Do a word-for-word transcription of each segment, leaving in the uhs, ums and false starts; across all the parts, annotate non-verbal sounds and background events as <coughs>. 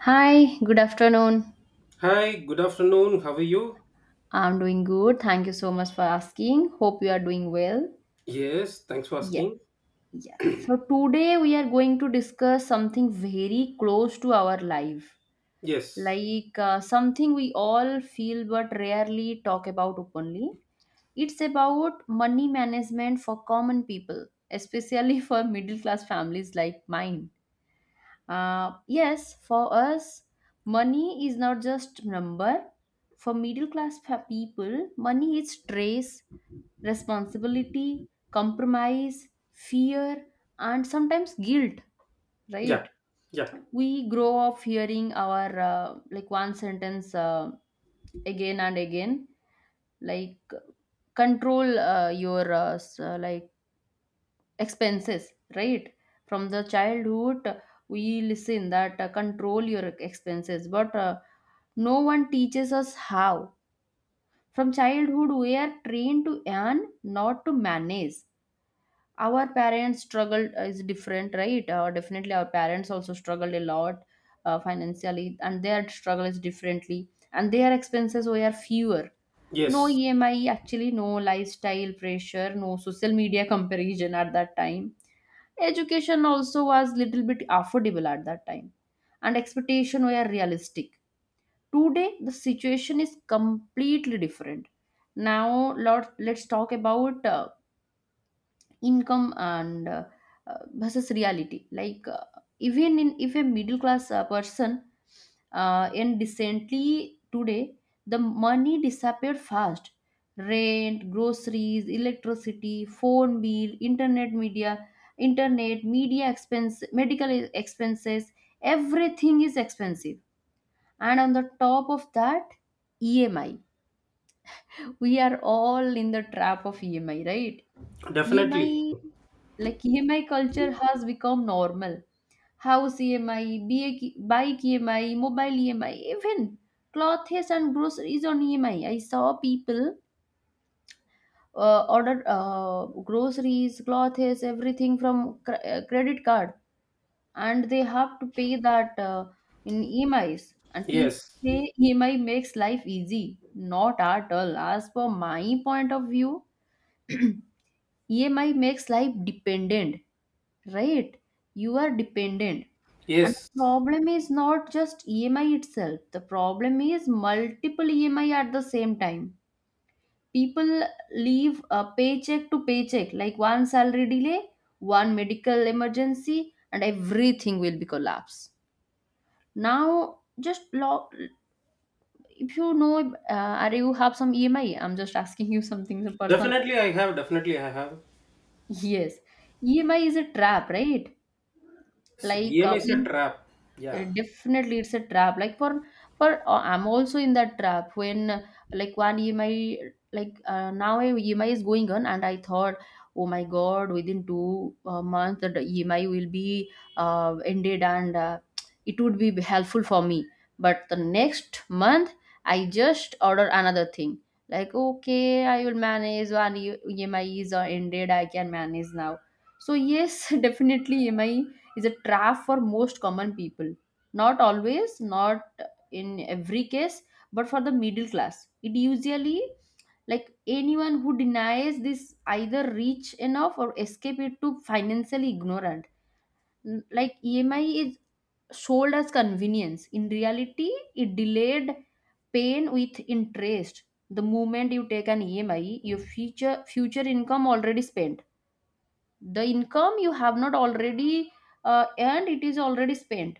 Hi, good afternoon. Hi, good afternoon. How are you? I'm doing good. Thank you so much for asking. Hope you are doing well. Yes, thanks for Yes, asking. yes. So today we are going to discuss something very close to our life, Yes. like uh, something we all feel but rarely talk about openly. It's about money management for common people, especially <laughs> for middle class families like mine. Uh, yes, for us, money is not just number. For middle class pa- people, money is stress, responsibility, compromise, fear, and sometimes guilt. Yeah. Right? Yeah. We grow up hearing our uh, like one sentence uh, again and again, like control uh, your uh, s- uh, like expenses right from the childhood. Uh, we listen that uh, control your expenses, but uh, no one teaches us how. From childhood we are trained to earn, not to manage. Our parents struggled uh, is different, right? Uh, definitely our parents also struggled a lot uh, financially, and their struggle is differently, and their expenses were fewer. No Yes. EMI actually, no lifestyle pressure, no social media comparison at that time. Education also was little bit affordable at that time, and expectation were realistic. Today the situation is completely different. Now lot, let's talk about uh, income and uh, uh, versus reality, like uh, even in if a middle class uh, person uh, and decently today, the money disappeared fast. Rent, groceries, electricity, phone bill, internet media internet media expense, medical expenses, everything is expensive. And on the top of that, EMI. We are all in the trap of EMI, right? Definitely. E M I, like E M I culture has become normal. House E M I, ba- bike E M I, mobile E M I, even clothes and groceries on E M I. I I saw people uh, order uh, groceries, clothes, everything from cr- uh, credit card, and they have to pay that uh, in E M Is. And people Yes. say E M I makes life easy. Not at all. As for my point of view, E M I makes life dependent, right? You are dependent. And Yes. the problem is not just E M I itself, the problem is multiple E M I at the same time. People leave a paycheck to paycheck, like one salary delay, one medical emergency, and everything will be collapse. Now, just lo- if you know, uh, or you have some E M I, I'm just asking you something some personal. Definitely I have. Definitely I have. Yes, E M I is a trap, right? Yes, Like uh, D M A is we. a trap. Uh, Yeah. Definitely it's a trap, like for for uh, I'm also in that trap when uh, like one EMI, like uh, now a EMI is going on, and I thought, oh my god, within two uh, months that the EMI will be uh, ended, and uh, it would be helpful for me. But the next month I just order another thing, like okay I will manage, one E- EMI is uh, ended, I can manage now. So yes, <laughs> definitely EMI is a trap for most common people, not always, not in every case, but for the middle class. It usually, like anyone who denies this either rich enough or escape it to financially ignorant. N- Like E M I is sold as convenience. In reality, it delayed pain with interest. The moment you take an E M I, your future future income already spent. The income you have not already uh, earned, it is already spent,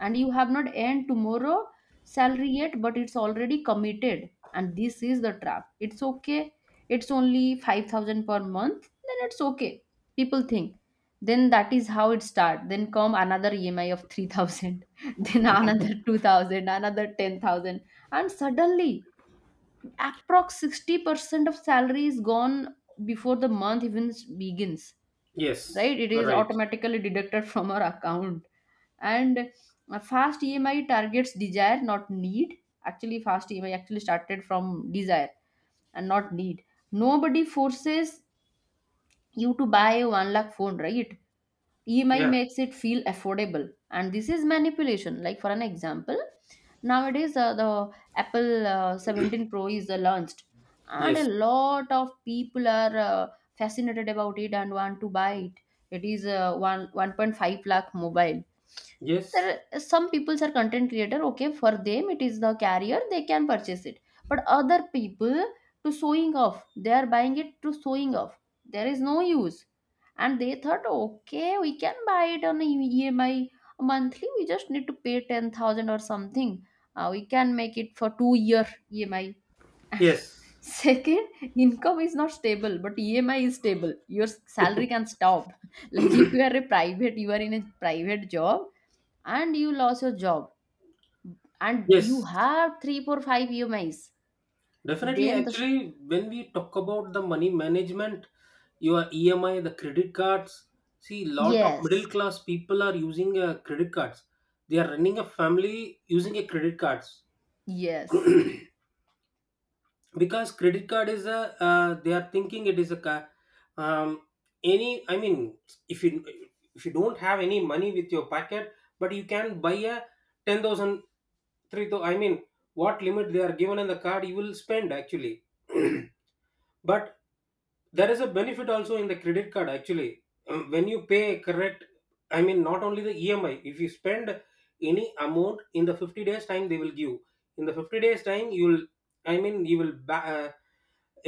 and you have not earned tomorrow salary yet, but it's already committed. And this is the trap. It's okay, it's only five thousand per month, then it's okay, people think. Then that is how it start, then come another EMI of three thousand, <laughs> then another two thousand, another ten thousand. And suddenly approx sixty percent of salary is gone before the month even begins. Yes. Right, it You're is right. automatically deducted from our account. And uh, fast EMI targets desire, not need. Actually fast EMI actually started from desire and not need. Nobody forces you to buy a one lakh phone, right? E M I Yeah. makes it feel affordable, and this is manipulation. Like for an example, nowadays uh, the Apple uh, seventeen Pro is uh, launched, and a Yes. lot of people are uh, fascinated about it and want to buy it. It is uh, one 1.5 lakh mobile. Yes. There are some people's are content creator. Okay, for them it is the carrier, they can purchase it, but other people, to showing off, they are buying it to showing off. There is no use, and they thought okay we can buy it on a EMI, monthly we just need to pay ten thousand or something. Uh, we can make it for two year EMI. Yes. <laughs> Second income is not stable but EMI is stable. Your salary can stop <laughs> like if you are a private, you are in a private job and you lost your job, and you Yes. have three four five EMIs, Definitely, then the st- actually, when we talk about the money management, your E M I, the credit cards, see, lot of yes, middle class people are using uh, credit cards. They are running a family using a credit cards yes, because credit card is a. Uh, they are thinking it is a. ca- Um, any, I mean, if you if you don't have any money with your pocket, but you can buy a ten thousand, three thousand. I mean, what limit they are given in the card, you will spend actually. <clears throat> But there is a benefit also in the credit card actually. Um, when you pay correct, I mean not only the emi, if you spend any amount in the fifty days time they will give, in the fifty days time you will, I mean you will ba- uh,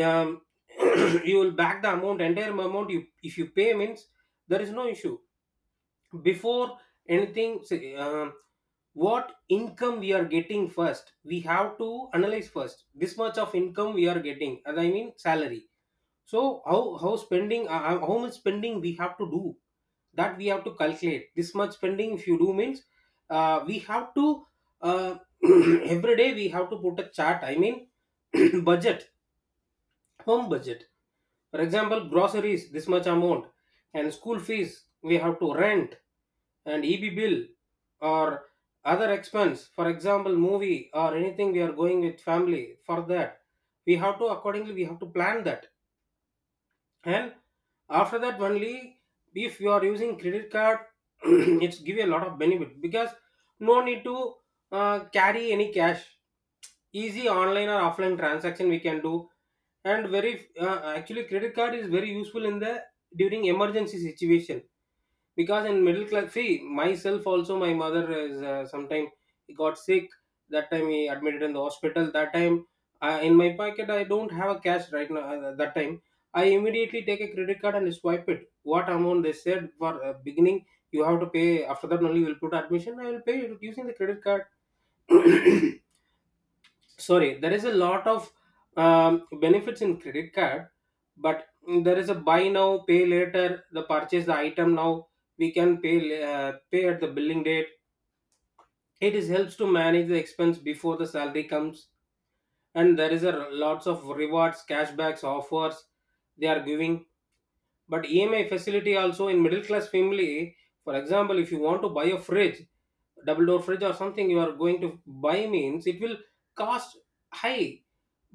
um, <coughs> <clears throat> you will back the amount, entire amount, you, if you pay means there is no issue before anything say, um, what income we are getting first, we have to analyze first this much of income we are getting, and I mean salary. So how how spending, uh, uh, how much spending we have to do, that we have to calculate. This much spending if you do means uh, we have to uh, <clears throat> every day we have to put a chart, I mean, <clears throat> budget, home budget, for example groceries this much amount, and school fees, we have to rent, and E B bill, or other expense, for example movie or anything we are going with family, for that we have to accordingly we have to plan that. And after that only, if you are using credit card, <clears throat> it's give you a lot of benefit because no need to uh, carry any cash, easy online or offline transaction we can do. And very uh, actually credit card is very useful in the during emergency situation, because in middle class, see myself also, my mother is uh, sometime got sick, that time he admitted in the hospital. That time, uh, in my pocket I don't have a cash right now, uh, that time I immediately take a credit card and swipe it, what amount they said for uh, beginning you have to pay, after that only we'll put admission, I will pay it using the credit card. <coughs> Sorry, there is a lot of um, benefits in credit card. But there is a buy now pay later, the purchase the item now we can pay la- uh, pay at the billing date, it is helps to manage the expense before the salary comes. And there is a r- lots of rewards, cashbacks, offers they are giving. But emi facility also in middle class family. For example, if you want to buy a fridge, double door fridge or something you are going to buy means it will cost high.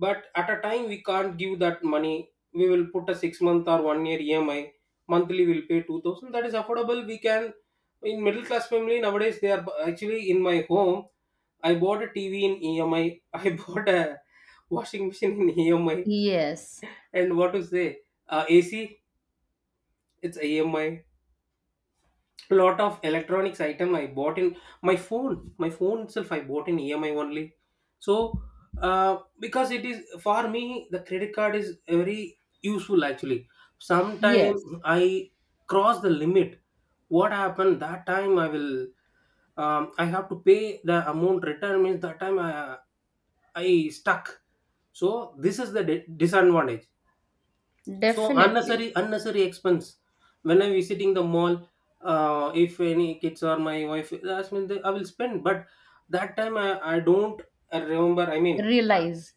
But at a time we can't give that money, we will put a six month or one year emi, monthly we'll pay two thousand, that is affordable we can. In middle class family nowadays they are bu- actually in my home I bought a tv in emi, I <laughs> bought a washing machine in emi, yes, and what to say, uh, ac it's emi, lot of electronics item I bought in, my phone, my phone itself I bought in emi only. So uh, because it is for me the credit card is very useful actually. Sometime yes, I cross the limit, what happened that time I will um, I have to pay the amount return means, that time i, I stuck. So this is the di- disadvantage. So definitely. unnecessary unnecessary expense. When I'm visiting the mall, uh, if any kids or my wife ask me, they- I will spend. But that time I, I don't I remember. I mean, I, Realize.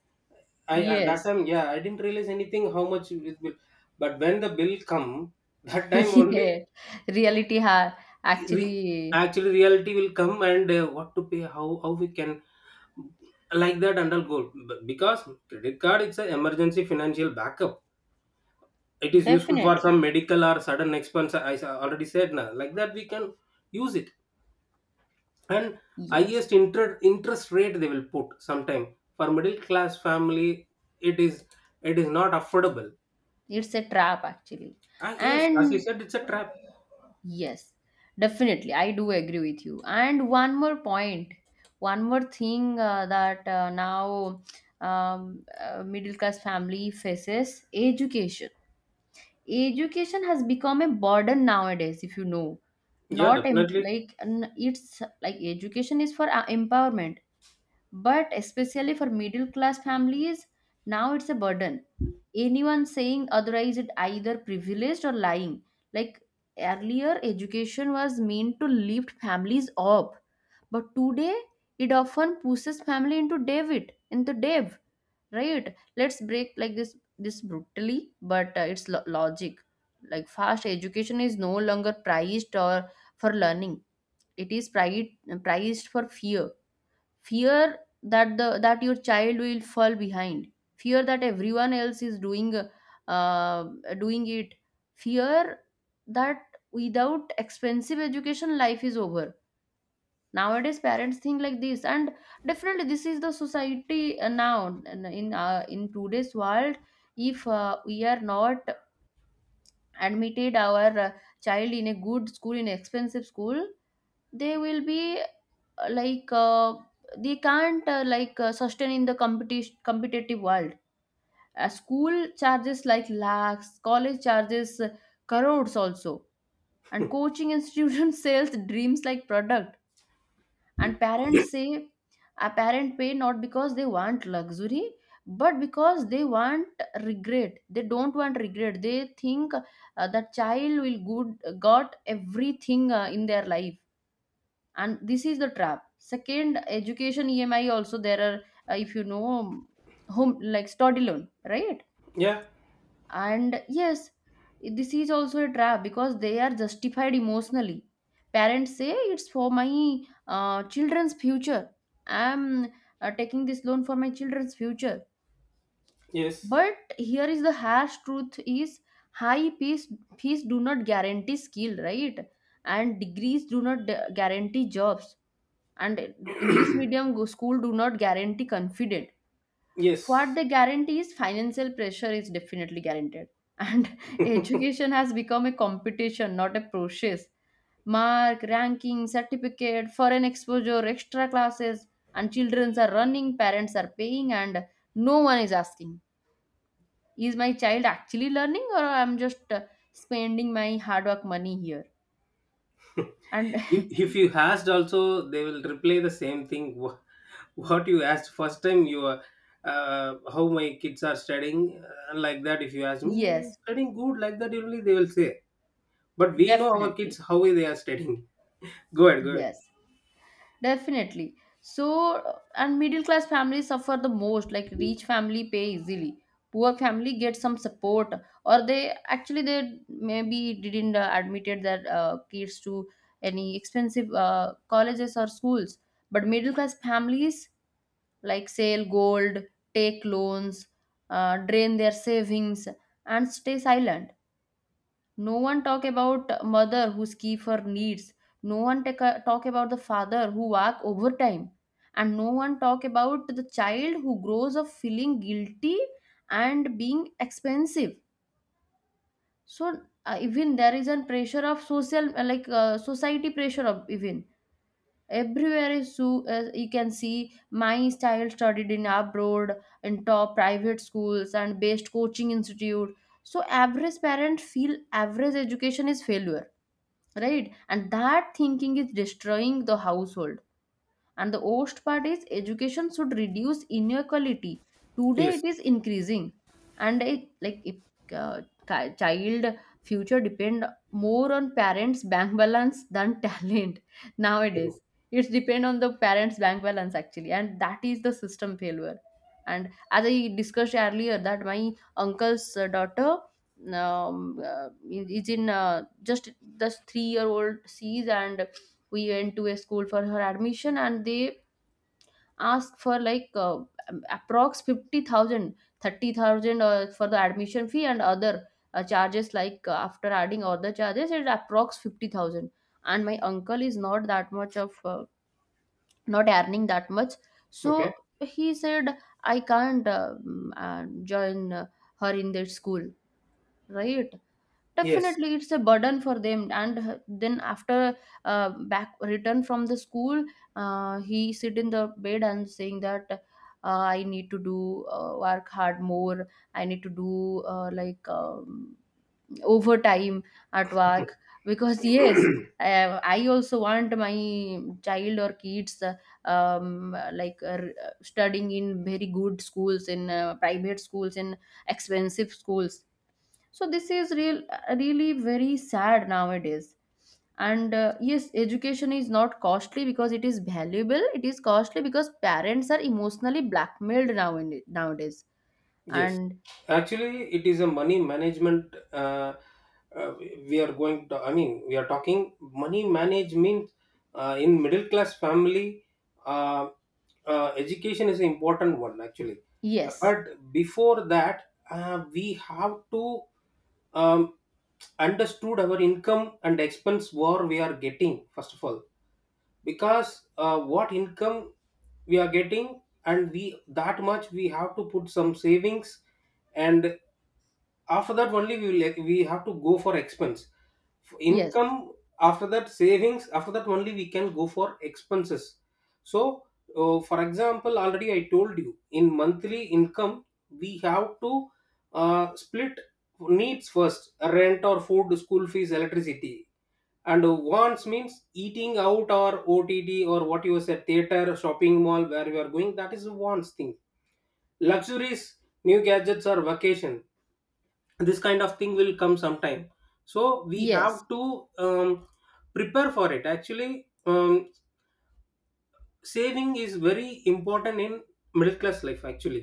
I I- that Yes. time, yeah, I didn't realize anything how much it will. But when the bill come, <laughs> that time <laughs> only Yeah. Reality ha, re- actually, actually reality will come. And uh, what to pay, how how we can like that undergo, because credit card it's an emergency financial backup, it is useful for definitely. some medical or sudden expense, I s- already said na. Like that we can use it. And Yes. highest inter- interest rate they will put sometime, for middle class family it is it is not affordable. It's a trap actually. Ah, yes, as you And said, it's a trap. yes, definitely I do agree with you. And one more point, one more thing uh, that uh, now, um, uh, middle class family faces education. Education has become a burden nowadays, if you know. Yeah, Not em definitely. like n- It's like education is for uh, empowerment, but especially for middle class families now it's a burden. Anyone saying otherwise is either privileged or lying. Like earlier education was meant to lift families up, but today it often pushes family into david into dev, right? Let's break like this this brutally, but uh, it's lo- logic. Like fast education is no longer prized or for learning, it is priced priced for fear, fear that the that your child will fall behind, fear that everyone else is doing uh, doing it, fear that without expensive education life is over. Nowadays parents think like this, and definitely this is the society uh, now. And in uh, in today's world, if uh, we are not admitted our uh, child in a good school, in expensive school, they will be like uh, they can't uh, like uh, sustain in the competition competitive world. Uh, school charges like lakhs, college charges uh, crores also, and <laughs> coaching institution <laughs> sells dreams like product. And parents say, a parent pay not because they want luxury, but because they want regret, they don't want regret. They think uh, the child will good got everything uh, in their life, and this is the trap. Second, education EMI also, there are uh, if you know, home like study loan, right? Yeah. And yes, this is also a trap because they are justified emotionally. Parents say, it's for my uh, children's future, I'm uh, taking this loan for my children's future. Yes, But here is the harsh truth is, high fees fees do not guarantee skill, right? And degrees do not d- guarantee jobs. And English medium go- school do not guarantee confident. What yes. they guarantee is financial pressure is definitely guaranteed. And <laughs> education has become a competition, not a process. Mark, ranking, certificate, foreign exposure, extra classes, and children are running, parents are paying, and no one is asking, is my child actually learning or I'm just uh, spending my hard work money here. <laughs> if, And if you asked also, they will reply the same thing. Wha- what you asked first time, you are uh, how my kids are studying, uh, like that. If you ask me, "Eh, <laughs> yes, studying good," like that only they will say. But we know our definitely, kids how they are studying. Go ahead, go ahead. yes. Definitely. So, uh, and middle class families suffer the most. Like rich family pay easily. Poor family get some support, or they actually they maybe didn't uh, admitted their uh, kids to any expensive uh, colleges or schools. But middle class families like sell gold, take loans, uh, drain their savings, and stay silent. No one talk about mother who skip her needs, no one take a, talk about the father who work overtime, and no one talk about the child who grows up feeling guilty and being expensive. So uh, even there is a pressure of social uh, like uh, society pressure of even everywhere is so uh, you can see, my child studied in abroad, in top private schools and best coaching institute. So average parents feel average education is failure, right? And that thinking is destroying the household. And the worst part is education should reduce inequality. Today Yes. it is increasing, and it like if uh, ki- child future depend more on parents' bank balance than talent <laughs> nowadays. <laughs> It's depend on the parents' bank balance actually, and that is the system failure. And as I discussed earlier, that my uncle's uh, daughter um, uh, is in uh, just just three year old she's, and we went to a school for her admission, and they asked for like uh, approx fifty thousand, thirty thousand uh, for the admission fee and other uh, charges. Like uh, after adding other charges, it's approx fifty thousand. And my uncle is not that much of uh, not earning that much, Okay. so he said, i can't uh, mm, uh, join uh, her in that school. Right, Yes. definitely it's a burden for them. And h- then after uh, back return from the school, uh, he sit in the bed and saying that uh, i need to do uh, work hard more. I need to do uh, like um, overtime at work because, yes, <clears throat> uh, i also want my child or kids uh, um, like uh, uh, studying in very good schools, in uh, private schools, in expensive schools. So this is real really very sad nowadays. And uh, yes, education is not costly because it is valuable. It is costly because parents are emotionally blackmailed now, nowadays. Yes, And actually, it is a money management. Uh, uh, we are going to, I mean, we are talking money manage means uh, in middle class family, uh, uh, education is an important one actually. yes, But before that, uh, we have to um, understood our income and expense what we are getting first of all, because uh, what income we are getting, and we that much we have to put some savings. And after that only we will, like, we have to go for expense. F- yes, Income, after that savings, after that only we can go for expenses. So uh, for example, already I told you, in monthly income we have to uh, split. Needs first, rent or food, school fees, electricity. And wants means eating out or ott, or what you said, theater, shopping mall, where you are going, that is wants thing. Luxuries, new gadgets or vacation, this kind of thing will come sometime. So we yes, have to um, prepare for it actually. Um, saving is very important in middle class life actually.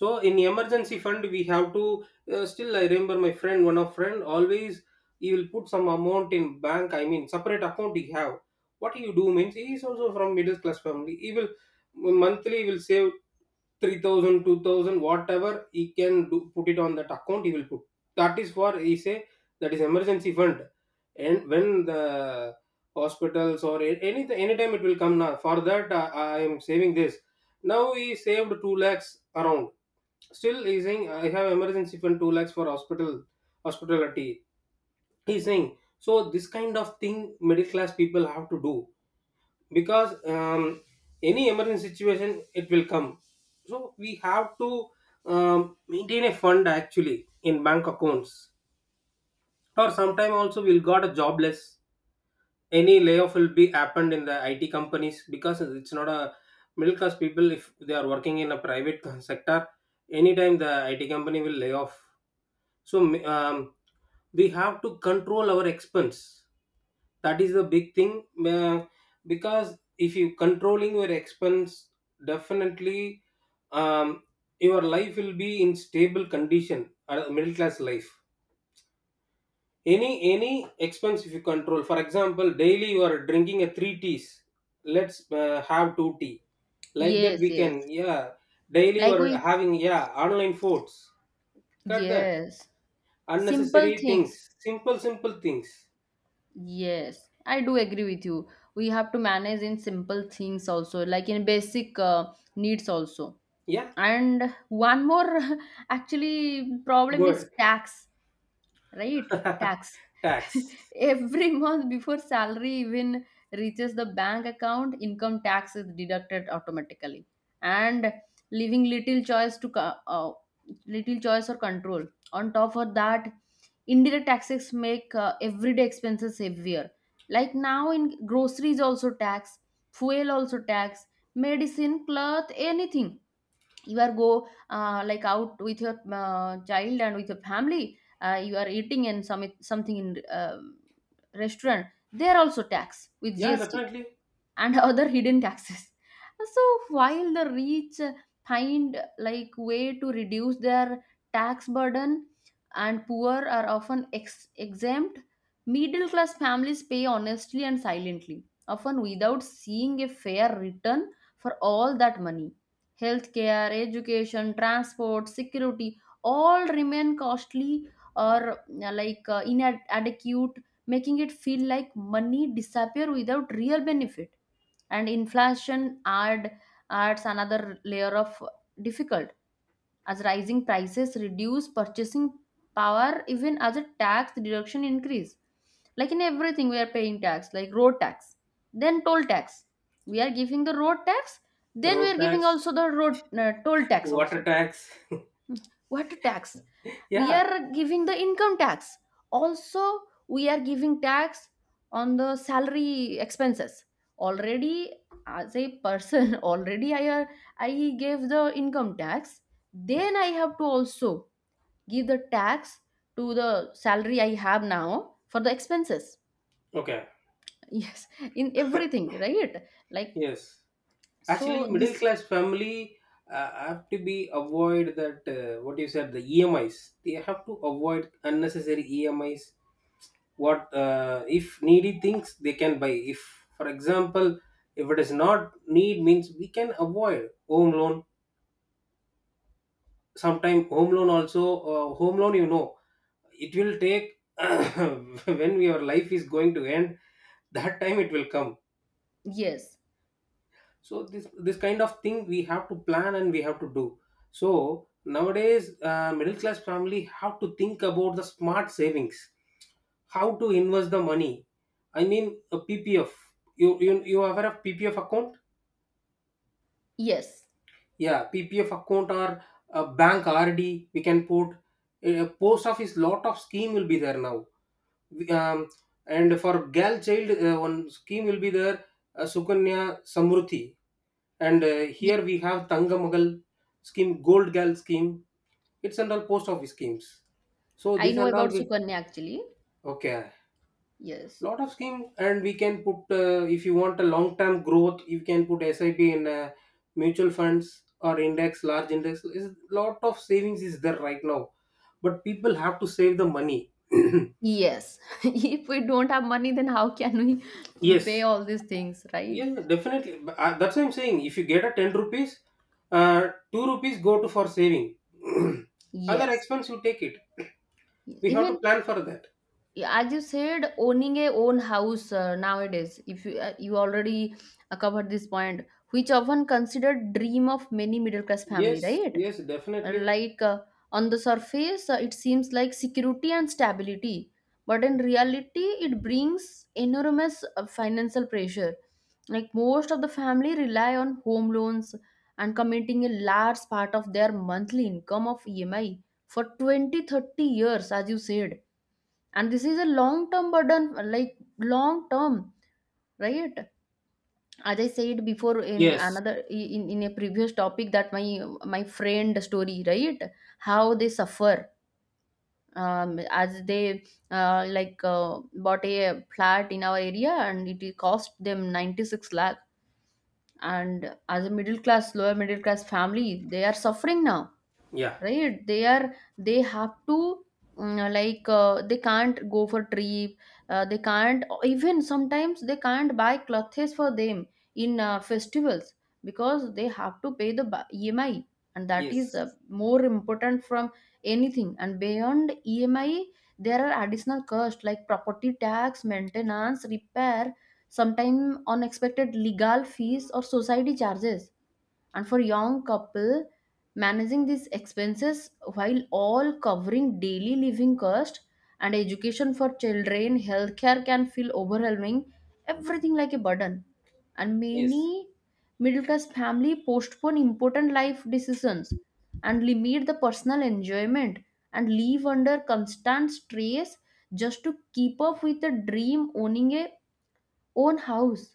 So in emergency fund we have to uh, still I remember my friend, one of friend always he will put some amount in bank, I mean separate account he have. What you do means, he is also from middle class family, he will monthly will save Three thousand, two thousand, whatever he can do, put it on that account, he will put. That is for, he say, that is emergency fund. And when the hospitals or a- any anytime it will come now, for that uh, I am saving this. Now he saved two lakhs around. Still he saying, I have emergency fund two lakhs for hospital, hospitality, he saying. So this kind of thing middle class people have to do, because um, any emergency situation it will come. So we have to um, maintain a fund actually in bank accounts. Or sometime also we'll got a jobless, any layoff will be happened in the it companies. Because it's not a, middle class people if they are working in a private <laughs> sector, anytime the it company will lay off. So um, we have to control our expense, that is the big thing, uh, because if you controlling your expense, definitely um, your life will be in stable condition, uh, middle class life. Any any expense if you control, for example daily you are drinking a three teas, let's uh, have two tea, like that yes, we can, yes, yeah. Daily you like are we having, yeah, online foods, cut that yes, simple unnecessary things. things, Simple simple things. yes, i do agree with you. We have to manage in simple things also, like in basic uh, needs also. Yeah. And one more <laughs> actually problem is Good. tax, right? <laughs> Tax. Tax. <laughs> Every month, before salary even reaches the bank account, income tax is deducted automatically, and leaving little choice to co- uh, little choice or control. On top of that, indirect taxes make uh, everyday expenses heavier. Like now, in groceries also tax, fuel also tax, medicine, cloth, anything. You are go uh, like out with your uh, child and with your family, uh, you are eating in some something in um restaurant, they are also taxed with Yeah, GST definitely. and <laughs> other hidden taxes. So, while the rich find like way to reduce their tax burden, and poor are often ex- exempt, middle class families pay honestly and silently, often without seeing a fair return for all that money. Healthcare, education, transport, security, all remain costly or uh, like uh, inadequate, making it feel like money disappear without real benefit. And inflation add adds another layer of difficult, as rising prices reduce purchasing power even as a tax deduction increase. Like in everything we are paying tax. Like road tax, then toll tax. We are giving the road tax, then we Road are giving tax, also the road uh, toll tax also. water tax. <laughs> What tax? We Yeah. are giving the income tax also, we are giving tax on the salary expenses already. As a person, <laughs> already i i gave the income tax, then I have to also give the tax to the salary I have now for the expenses. Okay. <laughs> Yes, in everything, right? Like, Yes. so Actually, middle this, class family uh, have to be avoid that. Uh, what you said, the E M Is. They have to avoid unnecessary E M Is. What uh, if needy things they can buy? If, for example, if it is not need means we can avoid home loan. Sometime home loan also uh, home loan, you know, it will take <coughs> <clears throat> when your life is going to end. That time it will come. yes, So this this kind of thing we have to plan and we have to do. So nowadays, uh, middle class family have to think about the smart savings, how to invest the money. I mean, a ppf. You you, you aware of ppf account? yes, Yeah, ppf account, or a bank rd we can put. A post office, lot of scheme will be there now. um, and for girl child, uh, one scheme will be there, uh, Sukanya Samruddhi. And uh, yes. here we have Tangamagal scheme, Gold Gal scheme. It's under post office schemes. So I this know and all about we. sukanya actually. Okay. Yes. Lot of scheme, and we can put uh, if you want a long term growth, you can put SIP in uh, mutual funds or index, large index. Is lot of savings is there right now, but people have to save the money. Yes. <laughs> If we don't have money, then how can <clears throat> we pay Yes, all these things, right? yeah, definitely. But, uh, that's what I'm saying. If you get a ten rupees, uh, two rupees go to for saving. <clears throat> Other Yes. expense you take it. <clears throat> Yes. We have to Even plan for that. as you said, owning a own house uh, nowadays, if you uh, you already uh, covered this point, which often considered dream of many middle class family, Yes, right? yes, definitely. Like uh, on the surface, uh, it seems like security and stability, but in reality it brings enormous uh, financial pressure. Like most of the family rely on home loans and committing a large part of their monthly income of EMI for twenty thirty years, as you said. And this is a long term burden, like long term, right? As I said before, in Yes, another in, in a previous topic, that my my friend story, right? How they suffer, um, as they uh, like uh, bought a flat in our area, and it cost them ninety-six lakh. And as a middle class, lower middle class family, they are suffering now, yeah, right? They are they have to, mm, like uh, they can't go for trip, uh, they can't even sometimes, they can't buy clothes for them in uh, festivals, because they have to pay the bu- EMI, and that is uh, yes, more important from anything. And beyond EMI there are additional costs like property tax, maintenance, repair, sometimes unexpected legal fees or society charges. And for young couple, managing these expenses while all covering daily living cost and education for children, healthcare, can feel overwhelming. Everything like a burden. And yes, many middle class family postpone important life decisions and limit the personal enjoyment and live under constant stress, just to keep up with the dream owning a own house.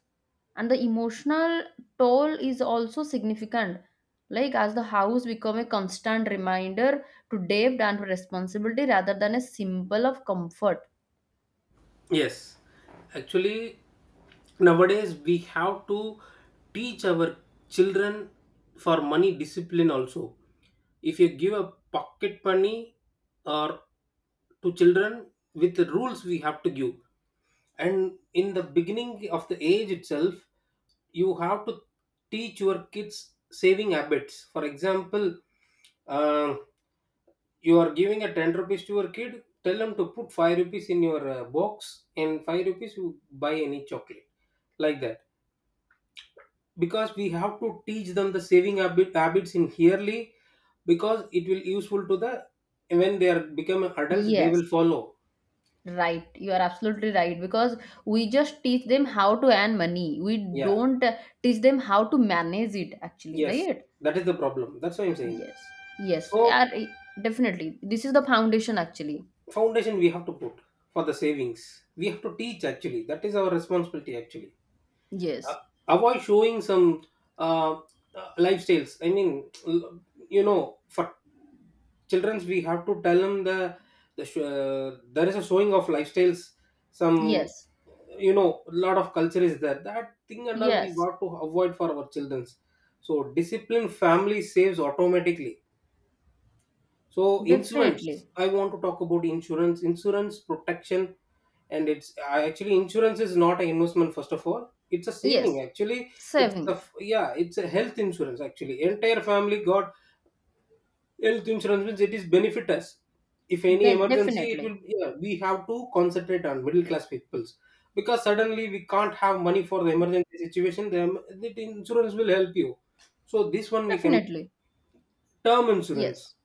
And the emotional toll is also significant, like as the house become a constant reminder to debt and responsibility rather than a symbol of comfort. yes. Actually, nowadays we have to teach our children for money discipline also. If you give a pocket money or to children with the rules we have to give, and in the beginning of the age itself, you have to teach your kids saving habits. For example, uh, you are giving a ten rupees to your kid, tell them to put five rupees in your uh, box, and five rupees you buy any chocolate. Like that, because we have to teach them the saving habit, habits in yearly, because it will useful to the, when they are become an adult they Yes, will follow. right, you are absolutely right, because we just teach them how to earn money, we Yeah. don't uh, teach them how to manage it actually, Yes, right? that is the problem, that's what I'm saying. Yes, yes, So yeah, I- definitely, this is the foundation actually. foundation we have to put, for the savings we have to teach actually, that is our responsibility actually. uh, Yes, Avoid showing some uh, uh, lifestyles, I mean, l- you know for childrens we have to tell them the, the sh- uh, there is a showing of lifestyles, some, yes, you know lot of culture is there, that thing and all we yes, got to avoid for our childrens. So discipline family saves automatically. So insurance, definitely. I want to talk about insurance, insurance protection. And it's I Actually insurance is not an investment first of all. It's a Yes, saving actually. It's a saving. F- yeah, it's a health insurance actually. Entire family got health insurance means it is benefit us. If any De- emergency, it Definitely. will, yeah, we have to concentrate on middle class peoples, because suddenly we can't have money for the emergency situation. Then the insurance will help you. So this one we can, Definitely. term insurance, Yes.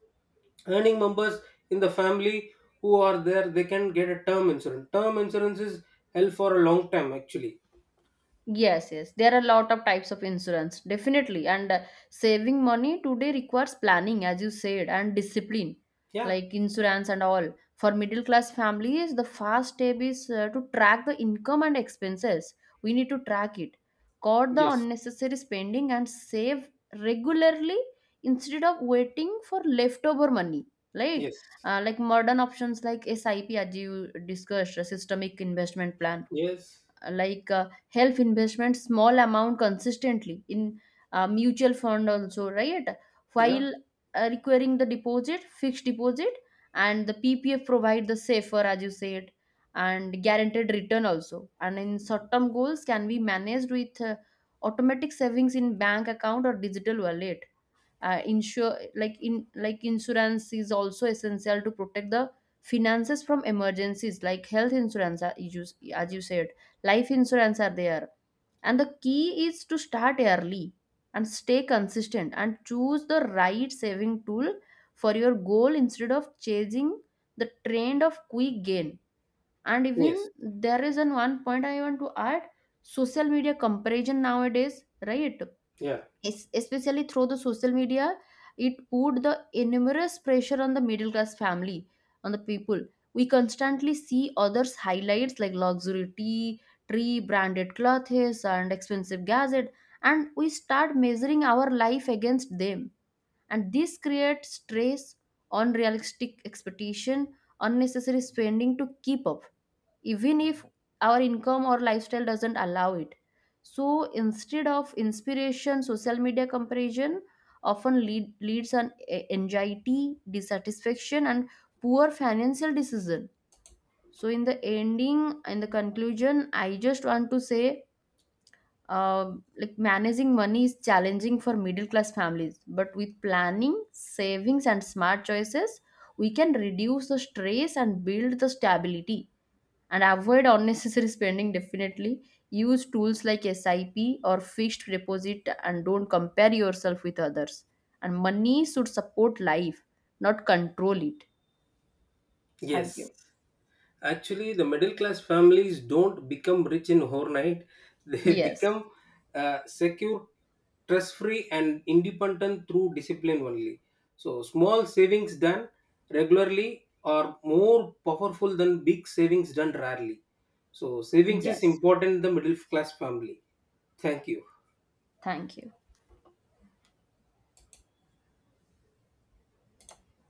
earning members in the family who are there, they can get a term insurance. Term insurance is held for a long time actually. Yes, yes. There are a lot of types of insurance, definitely. And uh, saving money today requires planning, as you said, and discipline, Yeah. like insurance and all. For middle class families, the first step is uh, to track the income and expenses. We need to track it, cut the Yes, unnecessary spending, and save regularly instead of waiting for leftover money. Like, yes. uh, like modern options like SIP, as you discussed, a systemic investment plan, Yes. like uh, health investment, small amount consistently in uh, mutual fund also, right? Yeah. While uh, requiring the deposit, fixed deposit and the PPF provide the safer, as you said, and guaranteed return also. And in short term goals can be managed with uh, automatic savings in bank account or digital wallet. Uh, insure, like in like insurance is also essential to protect the finances from emergencies. Like health insurance are- you- as you said, life insurance are there. And the key is to start early and stay consistent and choose the right saving tool for your goal, instead of chasing the trend of quick gain. And Yes. even there is an one point I want to add: social media comparison nowadays, right? Yeah. Es- especially through the social media, it put the enormous pressure on the middle class family, on the people. We constantly see others highlights like luxury tea tree, branded clothes and expensive gadget, and we start measuring our life against them. And this creates stress, unrealistic expectation, unnecessary spending to keep up, even if our income or lifestyle doesn't allow it. So instead of inspiration, social media comparison often lead, leads an a- anxiety, dissatisfaction, and poor financial decision. So in the ending, in the conclusion, I just want to say, uh, like managing money is challenging for middle class families, but with planning, savings and smart choices, we can reduce the stress and build the stability and avoid unnecessary spending. Definitely use tools like SIP or fixed deposit and don't compare yourself with others. And money should support life, not control it. Thank you. Yes, actually, the middle class families don't become rich in overnight. <laughs> They Yes, become uh, secure, stress free, and independent through discipline only. So, small savings done regularly are more powerful than big savings done rarely. So, savings is yes, important in the middle class family. Thank you. thank you.